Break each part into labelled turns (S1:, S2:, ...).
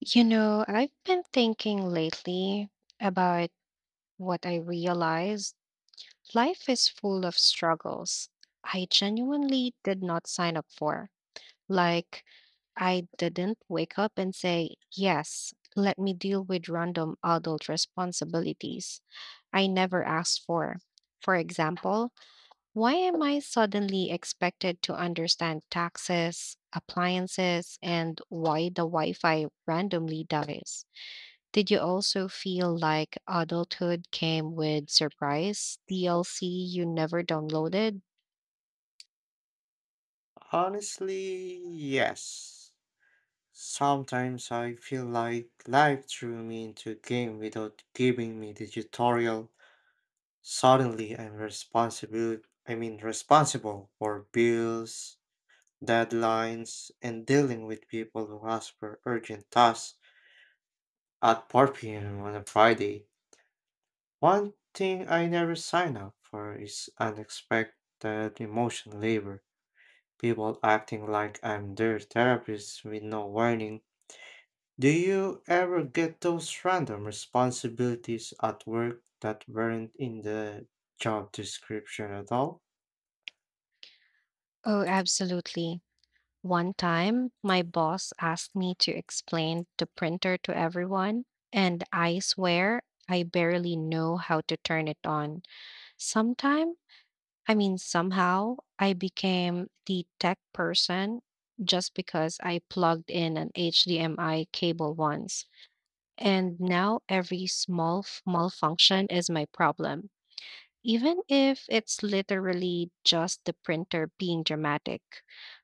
S1: You know, I've been thinking lately about what I realized life is full of struggles I genuinely did not sign up for. Like, I didn't wake up and say, yes, let me deal with random adult responsibilities I never asked for. For example, why am I suddenly expected to understand taxes, appliances, and why the Wi Fi randomly dies? Did you also feel like adulthood came with surprise DLC you never downloaded?
S2: Honestly, yes. Sometimes I feel like life threw me into a game without giving me the tutorial. Suddenly I'm responsible, I mean responsible for bills, deadlines, and dealing with people who ask for urgent tasks at 4 p.m. on a Friday. One thing I never sign up for is unexpected emotional labor. People acting like I'm their therapist with no warning. Do you ever get those random responsibilities at work that weren't in the job description at all?
S1: Oh, absolutely. One time, my boss asked me to explain the printer to everyone, and I swear I barely know how to turn it on. Sometime, somehow, I became the tech person just because I plugged in an HDMI cable once. And now every small malfunction is my problem, even if it's literally just the printer being dramatic.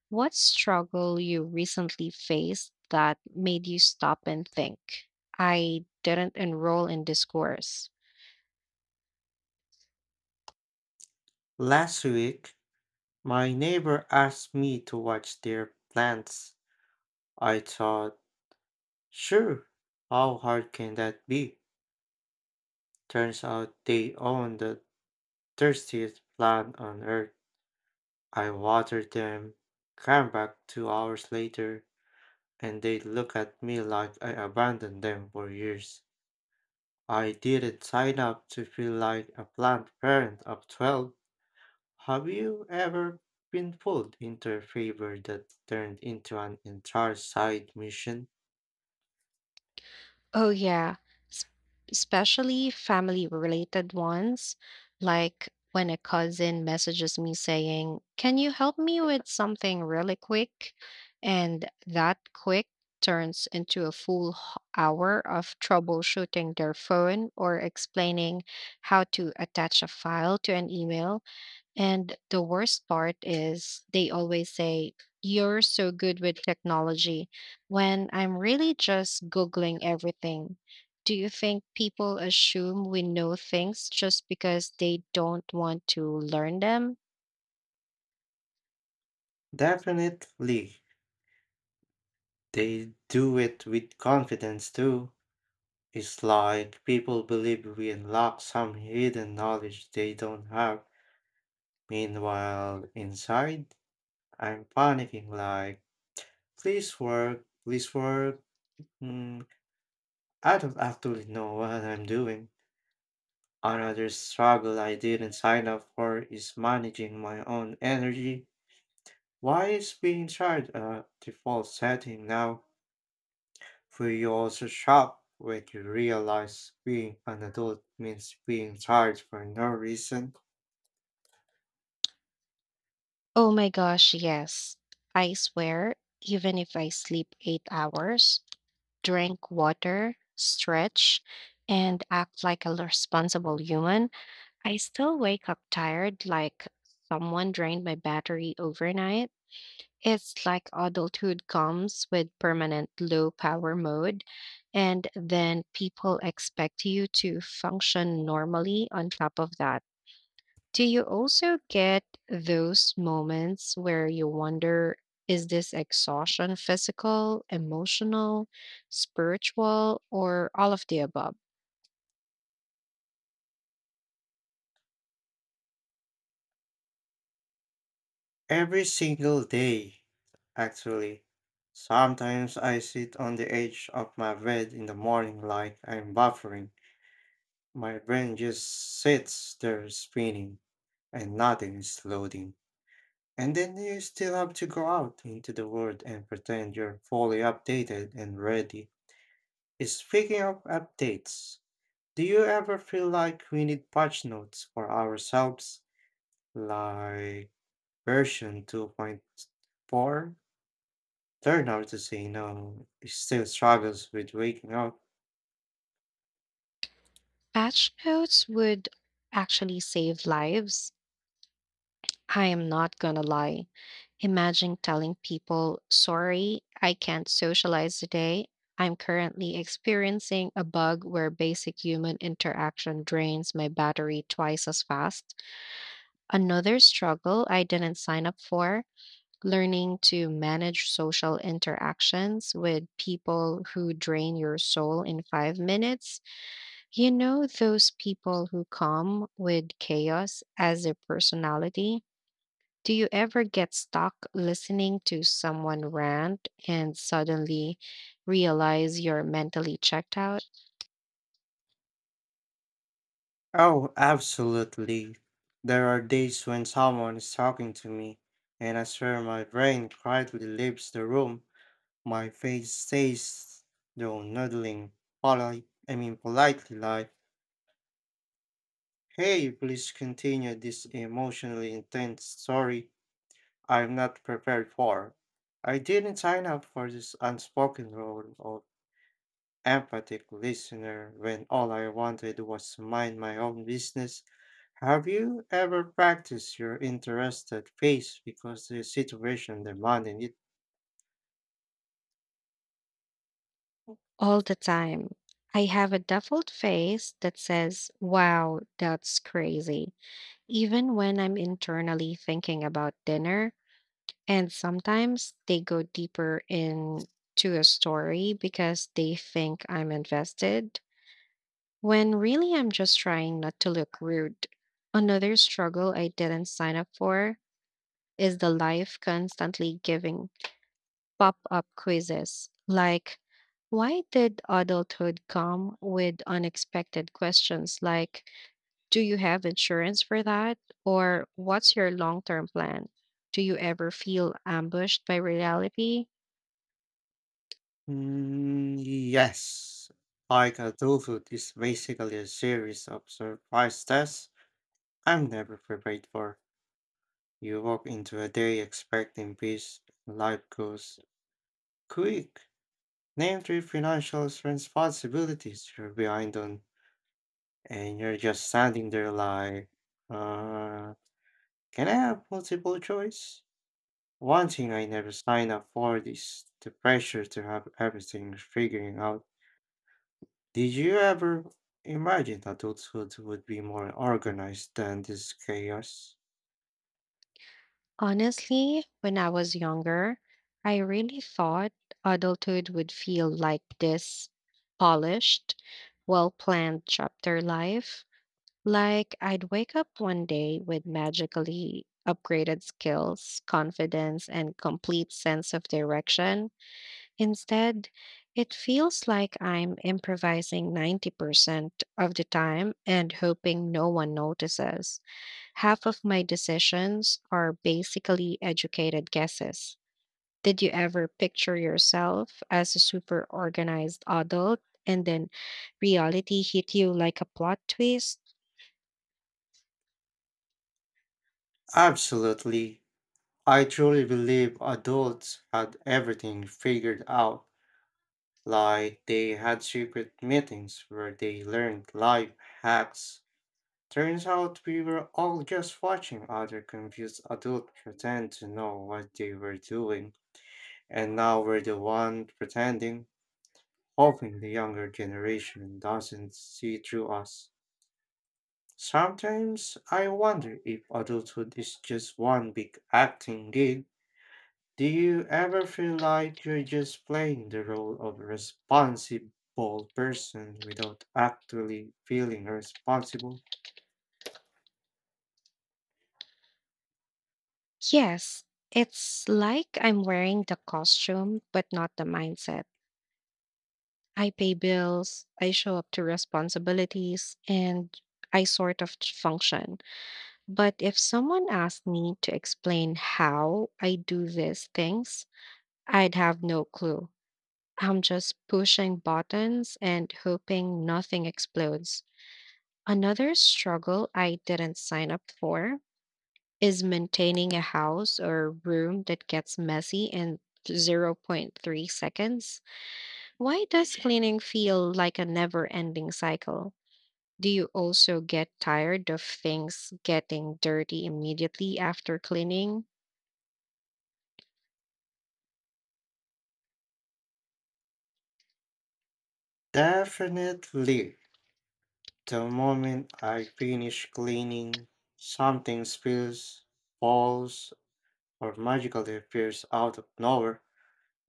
S1: What struggle you recently faced that made you stop and think? I didn't enroll in this course.
S2: Last week, my neighbor asked me to watch their plants. I thought, sure, how hard can that be? Turns out they own the thirstiest plant on earth. I watered them, came back 2 hours later, and they look at me like I abandoned them for years. I didn't sign up to feel like a plant parent of 12. Have you ever been pulled into a favor that turned into an entire side mission?
S1: Oh, yeah. S- Especially family related ones, like when a cousin messages me saying, can you help me with something really quick? And that quick turns into a full hour of troubleshooting their phone or explaining how to attach a file to an email. And the worst part is they always say, you're so good with technology, when I'm really just Googling everything. Do you think people assume we know things just because they don't want to learn them?
S2: Definitely. They do it with confidence too. It's like people believe we unlock some hidden knowledge they don't have. Meanwhile, inside, I'm panicking like, please work, please work. Mm, I don't actually know what I'm doing. Another struggle I didn't sign up for is managing my own energy. Why is being tired a default setting now? Will you also shop when you realize being an adult means being tired for no reason?
S1: Oh my gosh, yes. I swear, even if I sleep 8 hours, drink water, stretch, and act like a responsible human, I still wake up tired, like someone drained my battery overnight. It's like adulthood comes with permanent low power mode, and then people expect you to function normally on top of that. Do you also get those moments where you wonder, is this exhaustion physical, emotional, spiritual, or all of the above?
S2: Every single day, actually. Sometimes I sit on the edge of my bed in the morning like I'm buffering. My brain just sits there spinning and nothing is loading. And then you still have to go out into the world and pretend you're fully updated and ready. Speaking of updates, do you ever feel like we need patch notes for ourselves? Like version 2.4? Learn how to say no. It still struggles with waking up.
S1: Patch notes would actually save lives, I am not gonna lie. Imagine telling people, sorry, I can't socialize today. I'm currently experiencing a bug where basic human interaction drains my battery twice as fast. Another struggle I didn't sign up for, learning to manage social interactions with people who drain your soul in 5 minutes. You know, those people who come with chaos as their personality? Do you ever get stuck listening to someone rant and suddenly realize you're mentally checked out?
S2: Oh, absolutely. There are days when someone is talking to me, and I swear my brain quietly leaves the room. My face stays, though nodding, politely like, hey, please continue this emotionally intense story I'm not prepared for. I didn't sign up for this unspoken role of empathic listener when all I wanted was to mind my own business. Have you ever practiced your interested face because the situation demanded it?
S1: All the time. I have a default face that says, wow, that's crazy, even when I'm internally thinking about dinner. And sometimes they go deeper into a story because they think I'm invested, when really I'm just trying not to look rude. Another struggle I didn't sign up for is the life constantly giving pop up quizzes like, why did adulthood come with unexpected questions like, do you have insurance for that? Or what's your long term plan? Do you ever feel ambushed by reality?
S2: Mm, yes. Like adulthood is basically a series of surprise tests I'm never prepared for. You walk into a day expecting peace, and life goes quick. Name three financial responsibilities you're behind on, and you're just standing there like, uh, can I have multiple choice? One thing I never signed up for is the pressure to have everything figuring out. Did you ever imagine adulthood would be more organized than this chaos?
S1: Honestly, when I was younger, I really thought adulthood would feel like this polished, well planned chapter life. Like, I'd wake up one day with magically upgraded skills, confidence, and complete sense of direction. Instead, it feels like I'm improvising 90% of the time and hoping no one notices. Half of my decisions are basically educated guesses. Did you ever picture yourself as a super organized adult and then reality hit you like a plot twist?
S2: Absolutely. I truly believe adults had everything figured out, like they had secret meetings where they learned life hacks. Turns out we were all just watching other confused adults pretend to know what they were doing, and now we're the one pretending, hoping the younger generation doesn't see through us. Sometimes I wonder if adulthood is just one big acting gig. Do you ever feel like you're just playing the role of a responsible person without actually feeling responsible?
S1: Yes, it's like I'm wearing the costume, but not the mindset. I pay bills, I show up to responsibilities, and I sort of function. But if someone asked me to explain how I do these things, I'd have no clue. I'm just pushing buttons and hoping nothing explodes. Another struggle I didn't sign up for is maintaining a house or room that gets messy in zero point 0.3 seconds. Why does cleaning feel like a never ending cycle? Do you also get tired of things getting dirty immediately after cleaning?
S2: Definitely. The moment I finish cleaning, something spills, falls, or magically appears out of nowhere.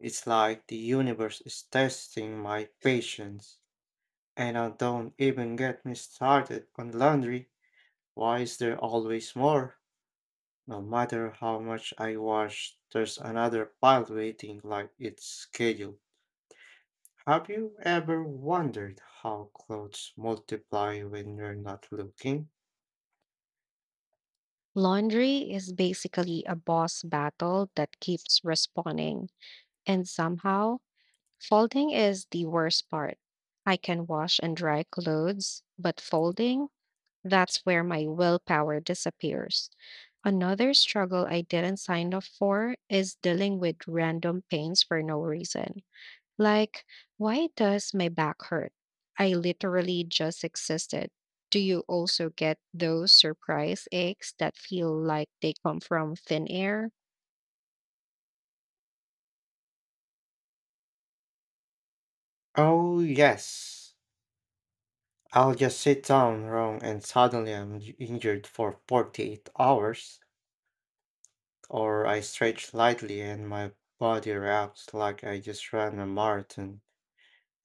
S2: It's like the universe is testing my patience. And I don't even get me started on laundry. Why is there always more? No matter how much I wash, there's another pile waiting like it's scheduled. Have you ever wondered how clothes multiply when you're not looking?
S1: Laundry is basically a boss battle that keeps responding, and somehow, folding is the worst part. I can wash and dry clothes, but folding, that's where my willpower disappears. Another struggle I didn't sign up for is dealing with random pains for no reason. Like, why does my back hurt? I literally just existed. Do you also get those surprise aches that feel like they come from thin air?
S2: Oh, yes. I'll just sit down wrong and suddenly injured for 48 hours. Or I stretch lightly and my body reacts like I just ran a marathon.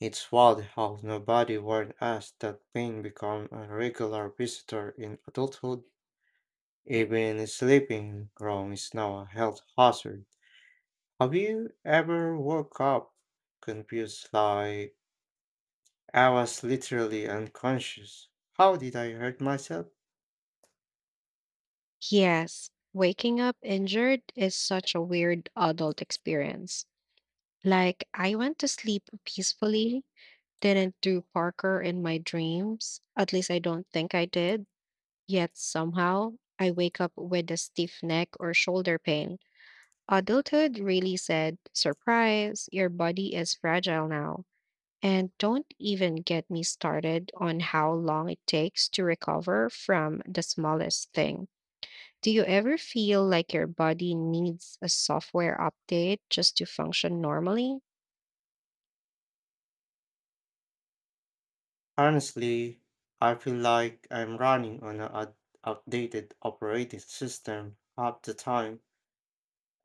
S2: It's wild how nobody warned us that pain become a regular visitor in adulthood. Even sleeping wrong is now a health hazard. Have you ever woke up confused like I was literally unconscious? How did I hurt myself?
S1: Yes, waking up injured is such a weird adult experience. Like, I went to sleep peacefully, didn't do Parker in my dreams. At least I don't think I did. Yet somehow I wake up with a stiff neck or shoulder pain. Adulthood really said, surprise, your body is fragile now. And don't even get me started on how long it takes to recover from the smallest thing. Do you ever feel like your body needs a software update just to function normally?
S2: Honestly, I feel like I'm running on an outdated operating system half the time.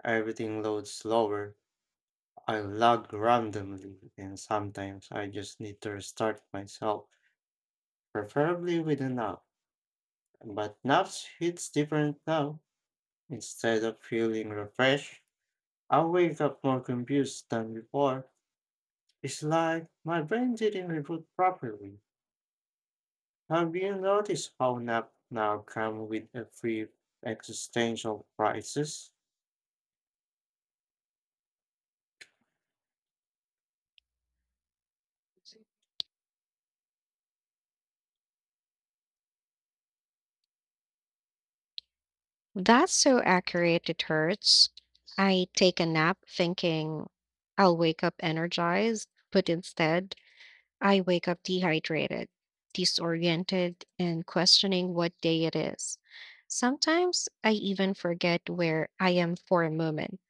S2: Everything loads slower. I lag randomly, and sometimes I just need to restart myself, preferably with an app. But naps hits different now. Instead of feeling refreshed, I wake up more confused than before. It's like my brain didn't reboot properly. Have you noticed how nap now come with a free existential crisis?
S1: Well, that's so accurate, it hurts. I take a nap thinking I'll wake up energized, but instead I wake up dehydrated, disoriented, and questioning what day it is. Sometimes I even forget where I am for a moment.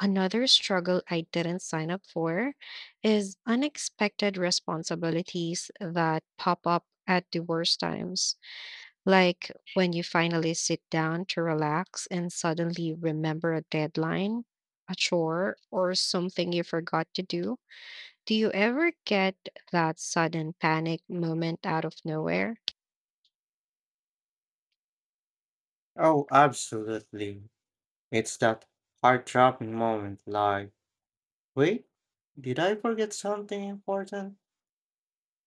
S1: Another struggle I didn't sign up for is unexpected responsibilities that pop up at the worst times. Like when you finally sit down to relax and suddenly remember a deadline, a chore, or something you forgot to do. Do you ever get that sudden panic moment out of nowhere?
S2: Oh, absolutely. It's that heart-dropping moment like, wait, did I forget something important?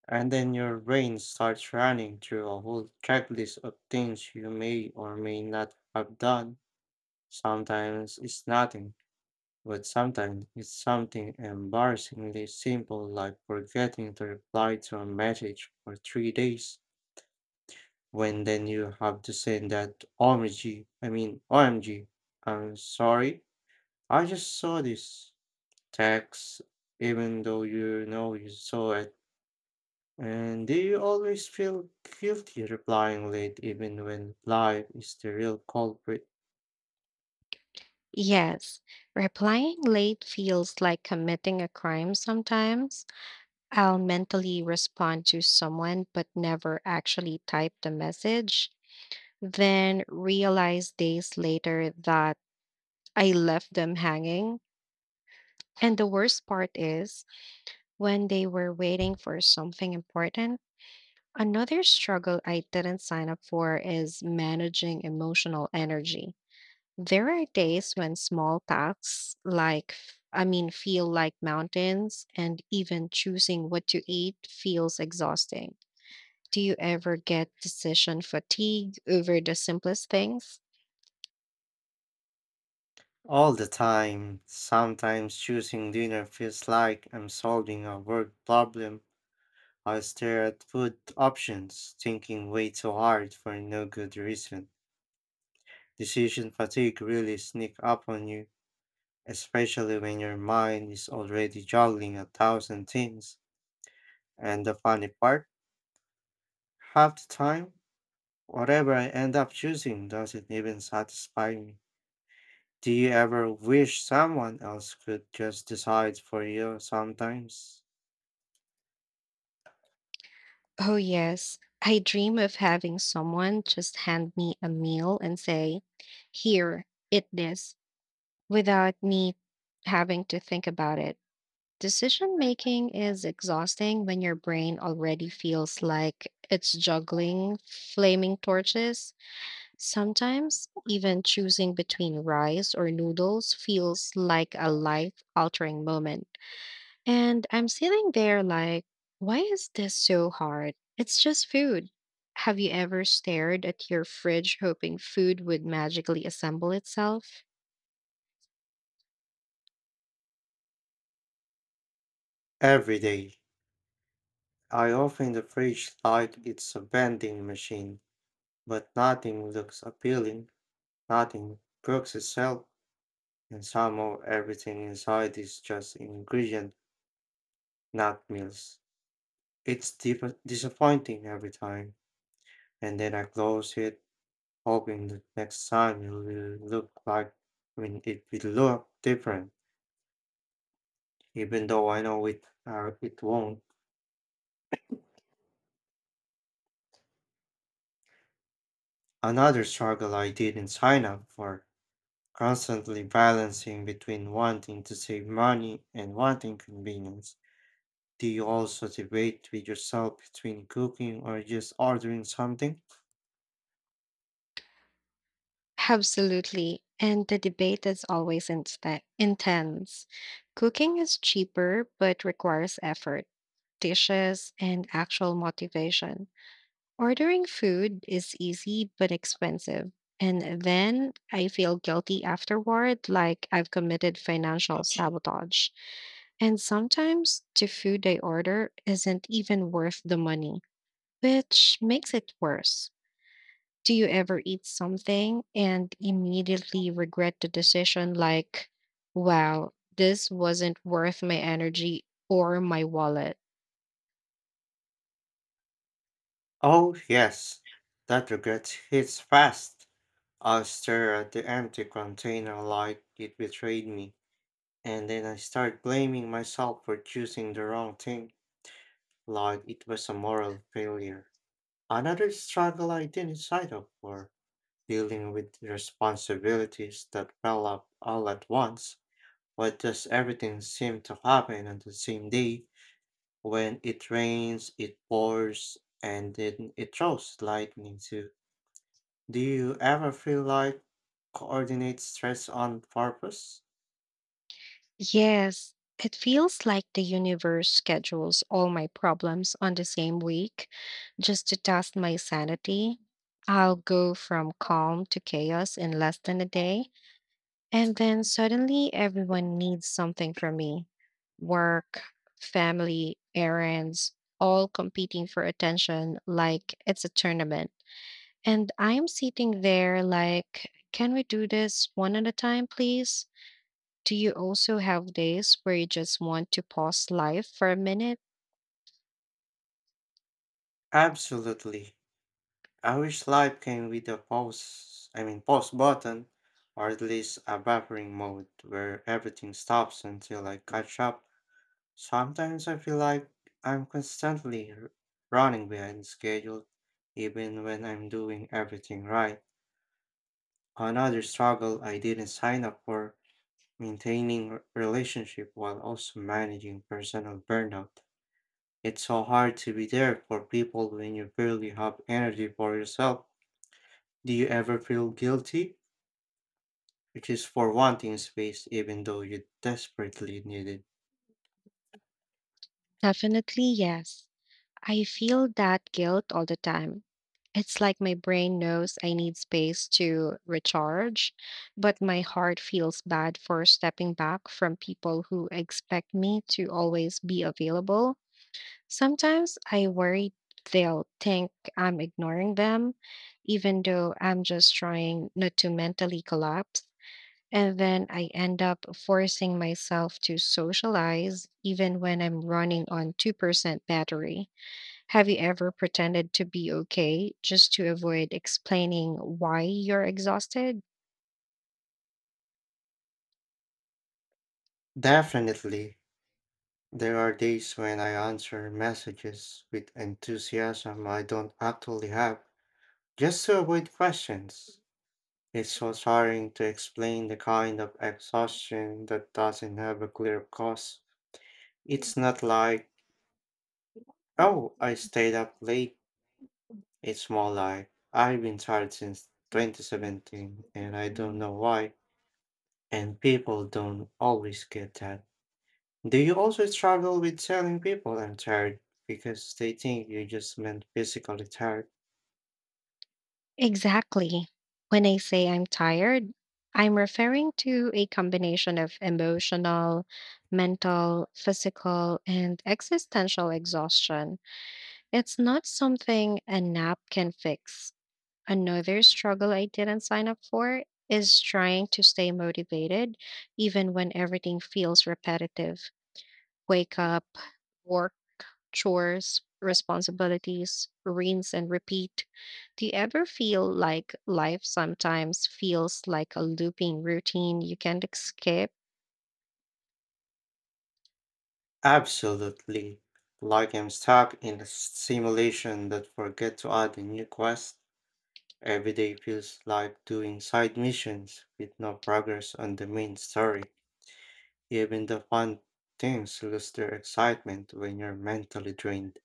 S2: And then your brain starts running through a whole checklist of things you may or may not have done. Sometimes it's nothing, but sometimes it's something embarrassingly simple like forgetting to reply to a message for 3 days, when then you have to send that OMG, I'm sorry, I just saw this text, even though you know you saw it. And do you always feel guilty replying late even when life is the real culprit?
S1: Yes, replying late feels like committing a crime sometimes. I'll mentally respond to someone but never actually type the message, then realize days later that I left them hanging. And the worst part is when they were waiting for something important. Another struggle I didn't sign up for is managing emotional energy. There are days when small tasks like feel like mountains and even choosing what to eat feels exhausting. Do you ever get decision fatigue over the simplest things?
S2: All the time. Sometimes choosing dinner feels like I'm solving a work problem. I stare at food options, thinking way too hard for no good reason. Decision fatigue really sneak up on you, especially when your mind is already juggling a thousand things. And the funny part, half the time, whatever I end up choosing doesn't even satisfy me. Do you ever wish someone else could just decide for you sometimes?
S1: Oh, yes. I dream of having someone just hand me a meal and say, here, eat this, without me having to think about it. Decision making is exhausting when your brain already feels like it's juggling flaming torches. Sometimes, even choosing between rice or noodles feels like a life altering moment. And I'm sitting there like, why is this so hard? It's just food. Have you ever stared at your fridge hoping food would magically assemble itself?
S2: Every day. I open the fridge like it's a vending machine, but nothing looks appealing, nothing cooks itself, and somehow everything inside is just ingredient, not meals. It's disappointing every time, and then I close it hoping that next time it will look like I mean it will look different, even though I know it won't. Another struggle I didn't sign up for, constantly balancing between wanting to save money and wanting convenience. Do you also debate with yourself between cooking or just ordering something?
S1: Absolutely. And the debate is always intense. Cooking is cheaper but requires effort, dishes, and actual motivation. Ordering food is easy but expensive. And then I feel guilty afterward, like I've committed financial sabotage. And sometimes the food I order isn't even worth the money, which makes it worse. Do you ever eat something and immediately regret the decision, like, wow, this wasn't worth my energy or my wallet?
S2: Oh yes, that regret hits fast. I stare at the empty container like it betrayed me. And then I started blaming myself for choosing the wrong thing, like it was a moral failure. Another struggle I didn't sign up for, dealing with responsibilities that fell up all at once, but just everything seemed to happen on the same day. When it rains, it pours, and then it throws lightning too. Do you ever feel like coordinate stress on purpose?
S1: Yes, it feels like the universe schedules all my problems on the same week just to test my sanity. I'll go from calm to chaos in less than a day, and then suddenly everyone needs something from me. Work, family, errands, all competing for attention like it's a tournament. And I'm sitting there like, can we do this one at a time, please? Do you also have days where you just want to pause life for a minute?
S2: Absolutely. I wish life came with a pause button, or at least a buffering mode where everything stops until I catch up. Sometimes I feel like I'm constantly running behind schedule, even when I'm doing everything right. Another struggle I didn't sign up for, maintaining relationship while also managing personal burnout. It's so hard to be there for people when you barely have energy for yourself. Do you ever feel guilty which is for wanting space even though you desperately need it?
S1: Definitely, yes. I feel that guilt all the time. It's like my brain knows I need space to recharge, but my heart feels bad for stepping back from people who expect me to always be available. Sometimes I worry they'll think I'm ignoring them, even though I'm just trying not to mentally collapse. And then I end up forcing myself to socialize even when I'm running on 2% battery. Have you ever pretended to be okay just to avoid explaining why you're exhausted?
S2: Definitely, there are days when I answer messages with enthusiasm I don't actually have, just to avoid questions. It's so tiring to explain the kind of exhaustion that doesn't have a clear cause. It's not like, oh, I stayed up late. It's more like, I've been tired since 2017 and I don't know why. And people don't always get that. Do you also struggle with telling people I'm tired because they think you just meant physically tired?
S1: Exactly. When I say I'm tired, I'm referring to a combination of emotional, mental, physical, and existential exhaustion. It's not something a nap can fix. Another struggle I didn't sign up for is trying to stay motivated even when everything feels repetitive. Wake up, work, chores, responsibilities, rinse and repeat. Do you ever feel like life sometimes feels like a looping routine you can't escape?
S2: Absolutely. Like I'm stuck in a simulation that forget to add a new quest. Every day feels like doing side missions with no progress on the main story. Even the fun things lose their excitement when you're mentally drained,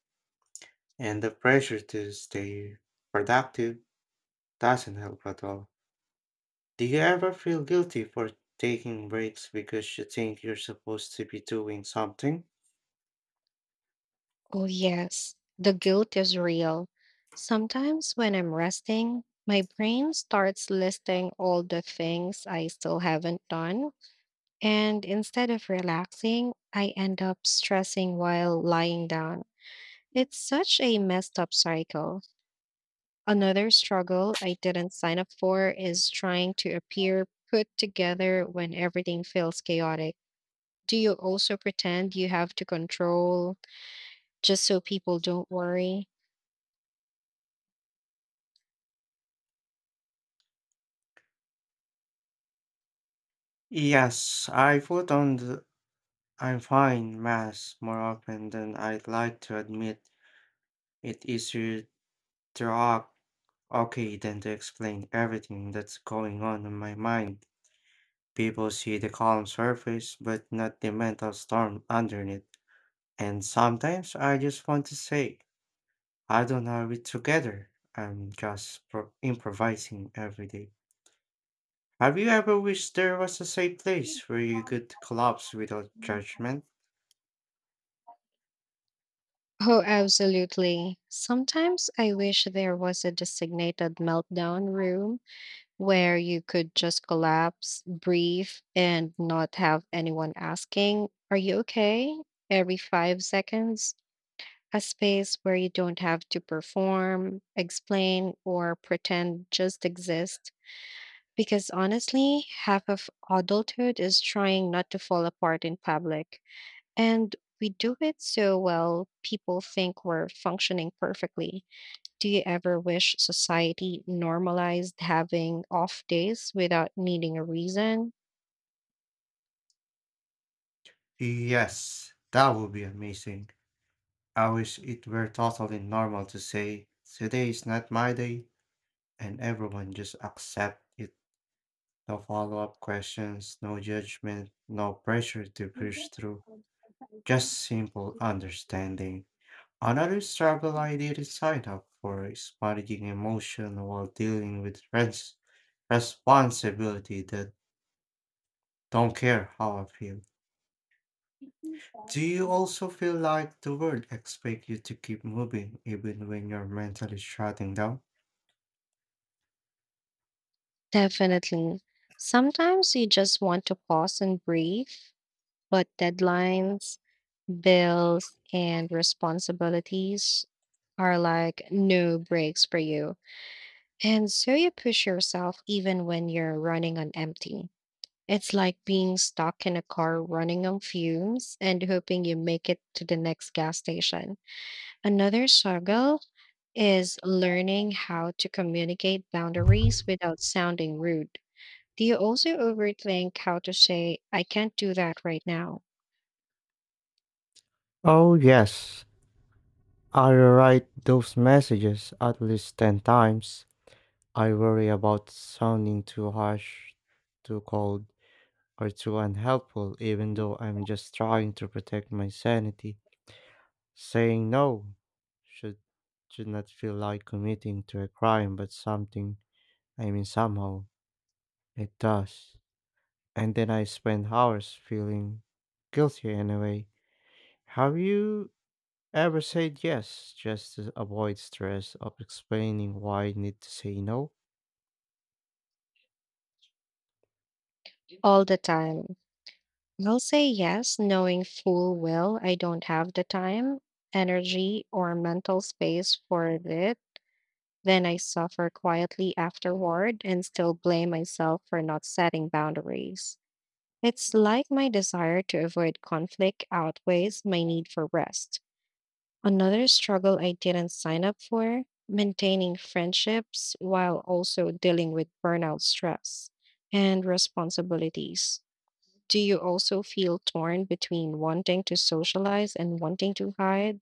S2: and the pressure to stay productive doesn't help at all. Do you ever feel guilty for taking breaks because you think you're supposed to be doing something?
S1: Oh, yes. The guilt is real. Sometimes when I'm resting, my brain starts listing all the things I still haven't done. And instead of relaxing, I end up stressing while lying down. It's such a messed up cycle. Another struggle I didn't sign up for is trying to appear put together when everything feels chaotic. Do you also pretend you have to control just so people don't worry?
S2: Yes, I put on the I'm fine mask more often than I'd like to admit. It's easier to act okay than to explain everything that's going on in my mind. People see the calm surface, but not the mental storm underneath. And sometimes I just want to say, I don't have it together. I'm just improvising every day. Have you ever wished there was a safe place where you could collapse without judgment?
S1: Oh, absolutely. Sometimes I wish there was a designated meltdown room where you could just collapse, breathe, and not have anyone asking, are you okay? every 5 seconds. A space where you don't have to perform, explain, or pretend just exist. Because honestly, half of adulthood is trying not to fall apart in public. And we do it so well, people think we're functioning perfectly. Do you ever wish society normalized having off days without needing a reason?
S2: Yes, that would be amazing. I wish it were totally normal to say, today is not my day, and everyone just accept it. No follow up questions, no judgment, no pressure to push through, just simple understanding. Another struggle I didn't sign up for is managing emotion while dealing with responsibility that don't care how I feel. Do you also feel like the world expects you to keep moving even when you're mentally shutting down?
S1: Definitely. Sometimes you just want to pause and breathe, but deadlines, bills, and responsibilities are like no breaks for you. And so you push yourself even when you're running on empty. It's like being stuck in a car running on fumes and hoping you make it to the next gas station. Another struggle is learning how to communicate boundaries without sounding rude. Do you also overthink how to say, I can't do that right now?
S2: Oh, yes. I write those messages at least 10 times. I worry about sounding too harsh, too cold, or too unhelpful, even though I'm just trying to protect my sanity. Saying no should, should not feel like committing to a crime, but somehow, it does. And then I spend hours feeling guilty anyway. Have you ever said yes just to avoid stress of explaining why you need to say no?
S1: All the time. I'll say yes, knowing full well I don't have the time, energy, or mental space for it. Then I suffer quietly afterward and still blame myself for not setting boundaries. It's like my desire to avoid conflict outweighs my need for rest. Another struggle I didn't sign up for, maintaining friendships while also dealing with burnout, stress, and responsibilities. Do you also feel torn between wanting to socialize and wanting to hide?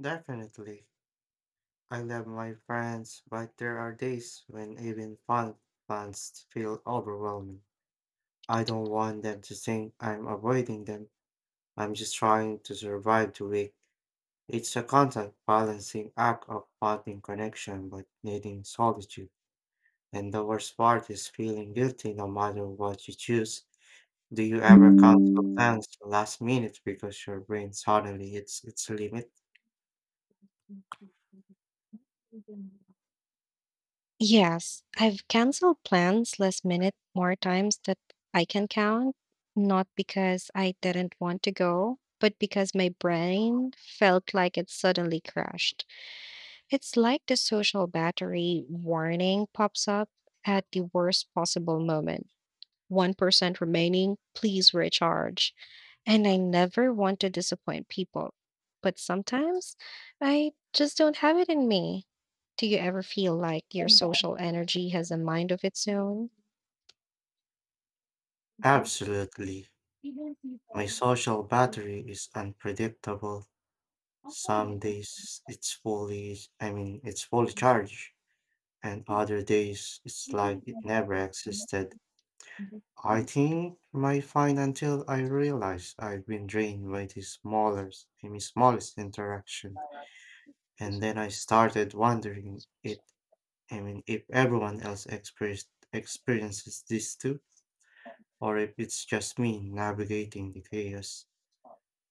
S2: Definitely. I love my friends, but there are days when even fun plans feel overwhelming. I don't want them to think I'm avoiding them. I'm just trying to survive the week. It's a constant balancing act of wanting connection but needing solitude. And the worst part is feeling guilty no matter what you choose. Do you ever cancel plans to last minute because your brain suddenly hits its limit?
S1: Yes, I've canceled plans last minute more times that I can count, not because I didn't want to go, but because my brain felt like it suddenly crashed. It's like the social battery warning pops up at the worst possible moment. 1% remaining, please recharge. And I never want to disappoint people, but sometimes I just don't have it in me. Do you ever feel like your social energy has a mind of its own?
S2: Absolutely. My social battery is unpredictable. Some days it's fully charged, and other days it's like it never existed. I think my fine until I realize I've been drained by the smallest interaction. And then I started wondering it I mean if everyone else experienced experiences this too, or if it's just me navigating the chaos.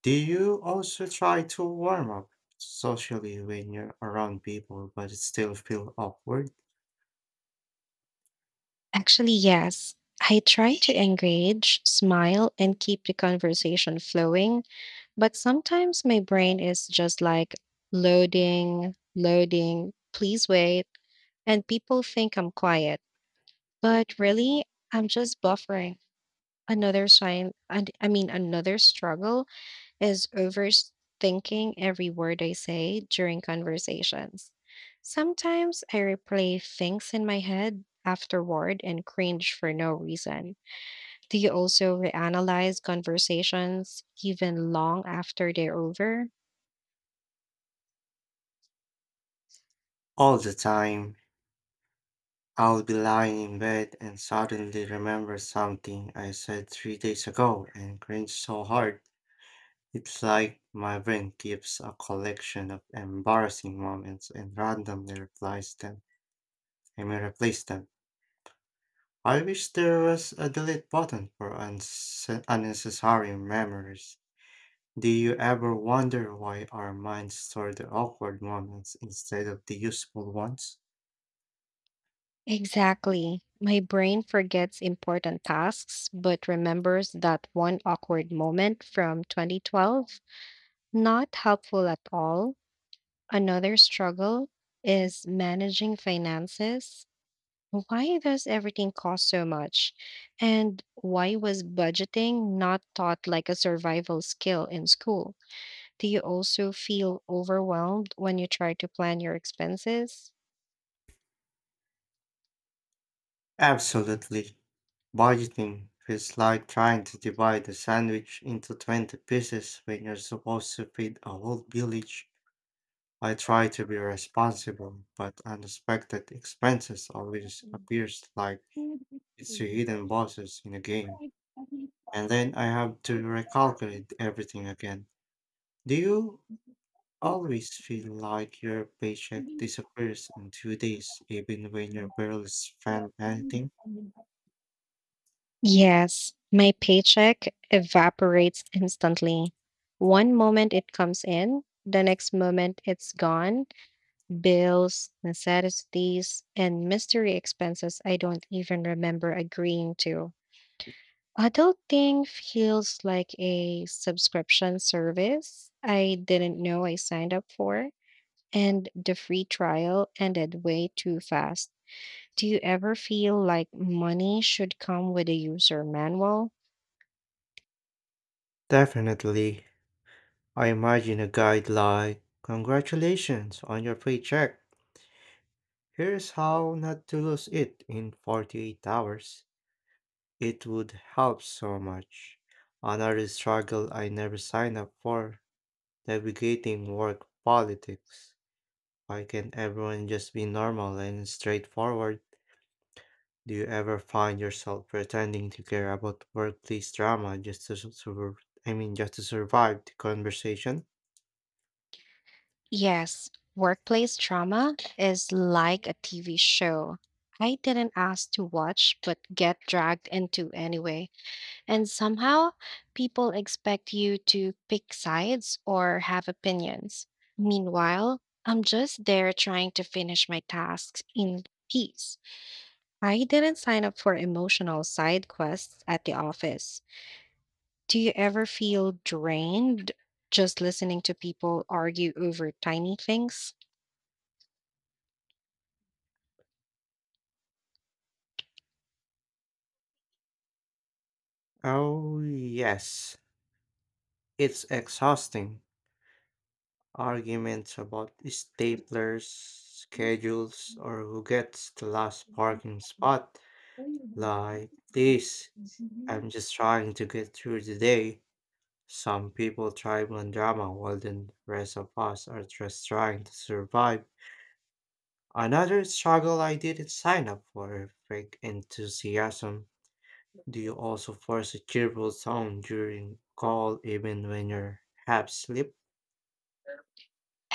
S2: Do you also try to warm up socially when you're around people but it still feel awkward?
S1: Actually, yes. I try to engage, smile, and keep the conversation flowing, but sometimes my brain is just like loading, loading, please wait. And people think I'm quiet, but really, I'm just buffering. Another sign, and I mean, Another struggle is overthinking every word I say during conversations. Sometimes I replay things in my head afterward and cringe for no reason. Do you also reanalyze conversations even long after they're over?
S2: All the time. I'll be lying in bed and suddenly remember something I said 3 days ago and cringe so hard. It's like my brain keeps a collection of embarrassing moments and randomly replies them. I mean, replace them. I wish there was a delete button for unnecessary memories. Do you ever wonder why our minds store the awkward moments instead of the useful ones?
S1: Exactly. My brain forgets important tasks but remembers that one awkward moment from 2012. Not helpful at all. Another struggle is managing finances. Why does everything cost so much? And why was budgeting not taught like a survival skill in school? Do you also feel overwhelmed when you try to plan your expenses?
S2: Absolutely. Budgeting feels like trying to divide a sandwich into 20 pieces when you're supposed to feed a whole village. I try to be responsible, but unexpected expenses always appears like it's a hidden bosses in a game. And then I have to recalculate everything again. Do you always feel like your paycheck disappears in 2 days even when you barely spend anything?
S1: Yes, my paycheck evaporates instantly. One moment it comes in, the next moment it's gone. Bills, necessities, and mystery expenses I don't even remember agreeing to. Adulting feels like a subscription service I didn't know I signed up for, and the free trial ended way too fast. Do you ever feel like money should come with a user manual?
S2: Definitely. I imagine a guide like, Congratulations on your paycheck. Here's how not to lose it in 48 hours. It would help so much. Another struggle I never signed up for navigating work politics. Why can't everyone just be normal and straightforward? Do you ever find yourself pretending to care about workplace drama just to survive the conversation?
S1: Yes, workplace trauma is like a TV show I didn't ask to watch but get dragged into anyway. And somehow, people expect you to pick sides or have opinions. Meanwhile, I'm just there trying to finish my tasks in peace. I didn't sign up for emotional side quests at the office. Do you ever feel drained just listening to people argue over tiny things?
S2: Oh, yes. It's exhausting. Arguments about staplers, schedules, or who gets the last parking spot. Like, please, I'm just trying to get through the day. Some people thrive on drama while the rest of us are just trying to survive. Another struggle I didn't sign up for fake enthusiasm. Do you also force a cheerful tone during call even when you're half asleep?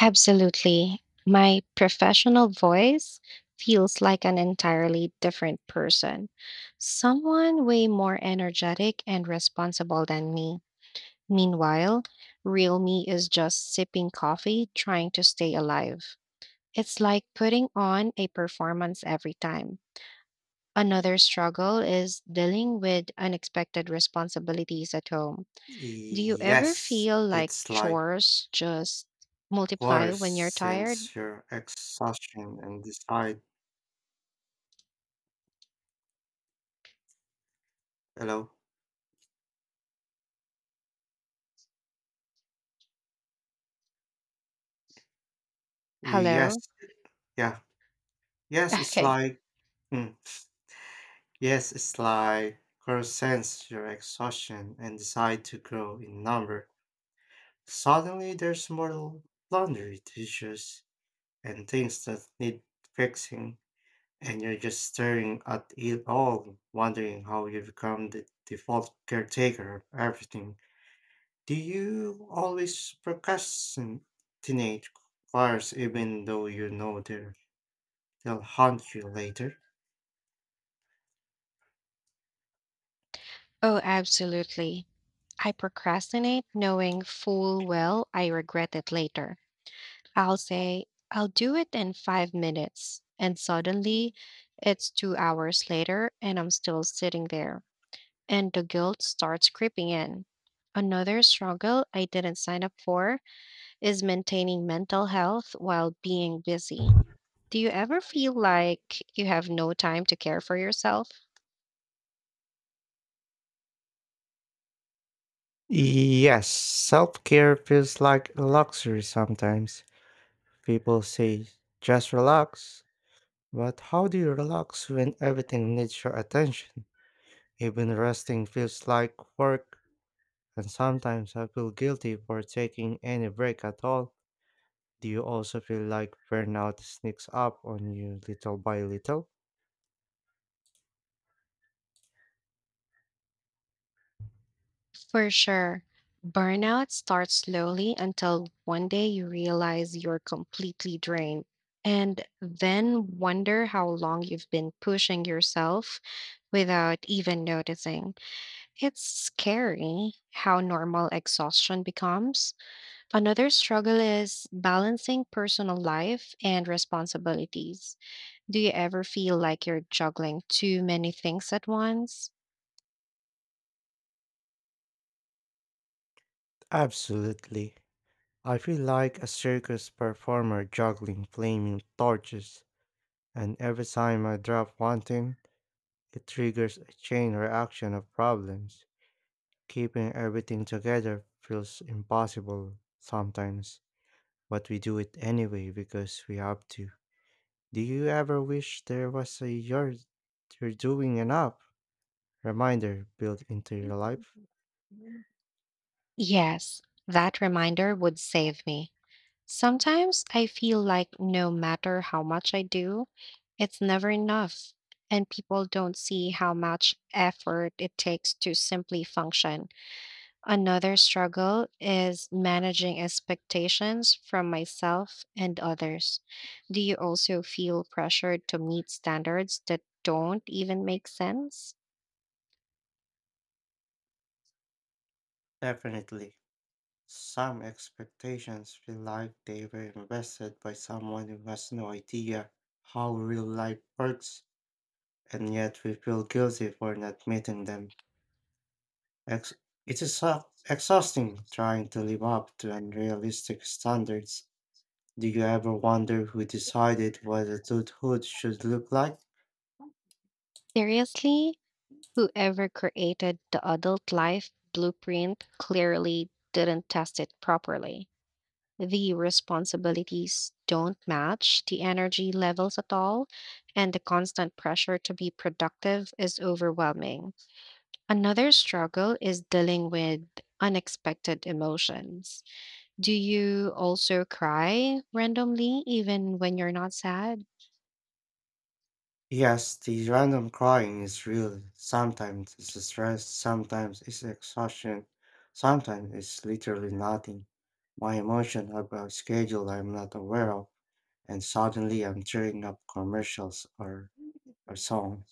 S1: Absolutely. My professional voice feels like an entirely different person. Someone way more energetic and responsible than me. Meanwhile, real me is just sipping coffee, trying to stay alive. It's like putting on a performance every time. Another struggle is dealing with unexpected responsibilities at home. Do you ever
S2: Yes,
S1: feel like
S2: it's like
S1: chores just multiply
S2: worse
S1: when you're tired?
S2: since your exhaustion and decide hello. Yes,
S1: Hello?
S2: yeah, yes, it's
S1: Okay.
S2: like. hmm. Yes, it's like crows sense your exhaustion and decide to grow in number. Suddenly, there's more laundry, dishes, and things that need fixing, and you're just staring at it all, wondering how you become the default caretaker of everything. Do you always procrastinate chores even though you know they'll haunt you later?
S1: Oh, absolutely. I procrastinate knowing full well I regret it later. I'll say, I'll do it in 5 minutes. And suddenly it's 2 hours later and I'm still sitting there. And the guilt starts creeping in. Another struggle I didn't sign up for is maintaining mental health while being busy. Do you ever feel like you have no time to care for yourself?
S2: Yes, self care feels like a luxury sometimes. People say, just relax. But how do you relax when everything needs your attention? Even resting feels like work, and sometimes I feel guilty for taking any break at all. Do you also feel like burnout sneaks up on you little by little?
S1: For sure. Burnout starts slowly until one day you realize you're completely drained and then wonder how long you've been pushing yourself without even noticing. It's scary how normal exhaustion becomes. Another struggle is balancing personal life and responsibilities. Do you ever feel like you're juggling too many things at once?
S2: Absolutely. I feel like a circus performer juggling flaming torches, and every time I drop one thing, it triggers a chain reaction of problems. Keeping everything together feels impossible sometimes, but we do it anyway because we have to. Do you ever wish there was a you're doing enough reminder built into your life?
S1: Yes, that reminder would save me. Sometimes I feel like no matter how much I do, it's never enough, and people don't see how much effort it takes to simply function. Another struggle is managing expectations from myself and others. Do you also feel pressured to meet standards that don't even make sense?
S2: Definitely. Some expectations feel like they were invested by someone who has no idea how real life works, and yet we feel guilty for not meeting them. Ex- it's exhausting trying to live up to unrealistic standards. Do you ever wonder who decided what adulthood should look like?
S1: Seriously, whoever created the adult life blueprint clearly didn't test it properly. The responsibilities don't match the energy levels at all, and the constant pressure to be productive is overwhelming. Another struggle is dealing with unexpected emotions. Do you also cry randomly, even when you're not sad?
S2: Yes, the random crying is real. Sometimes it's stress, sometimes it's exhaustion, sometimes it's literally nothing. My emotions have a schedule I'm not aware of, and suddenly I'm tearing up commercials or a song.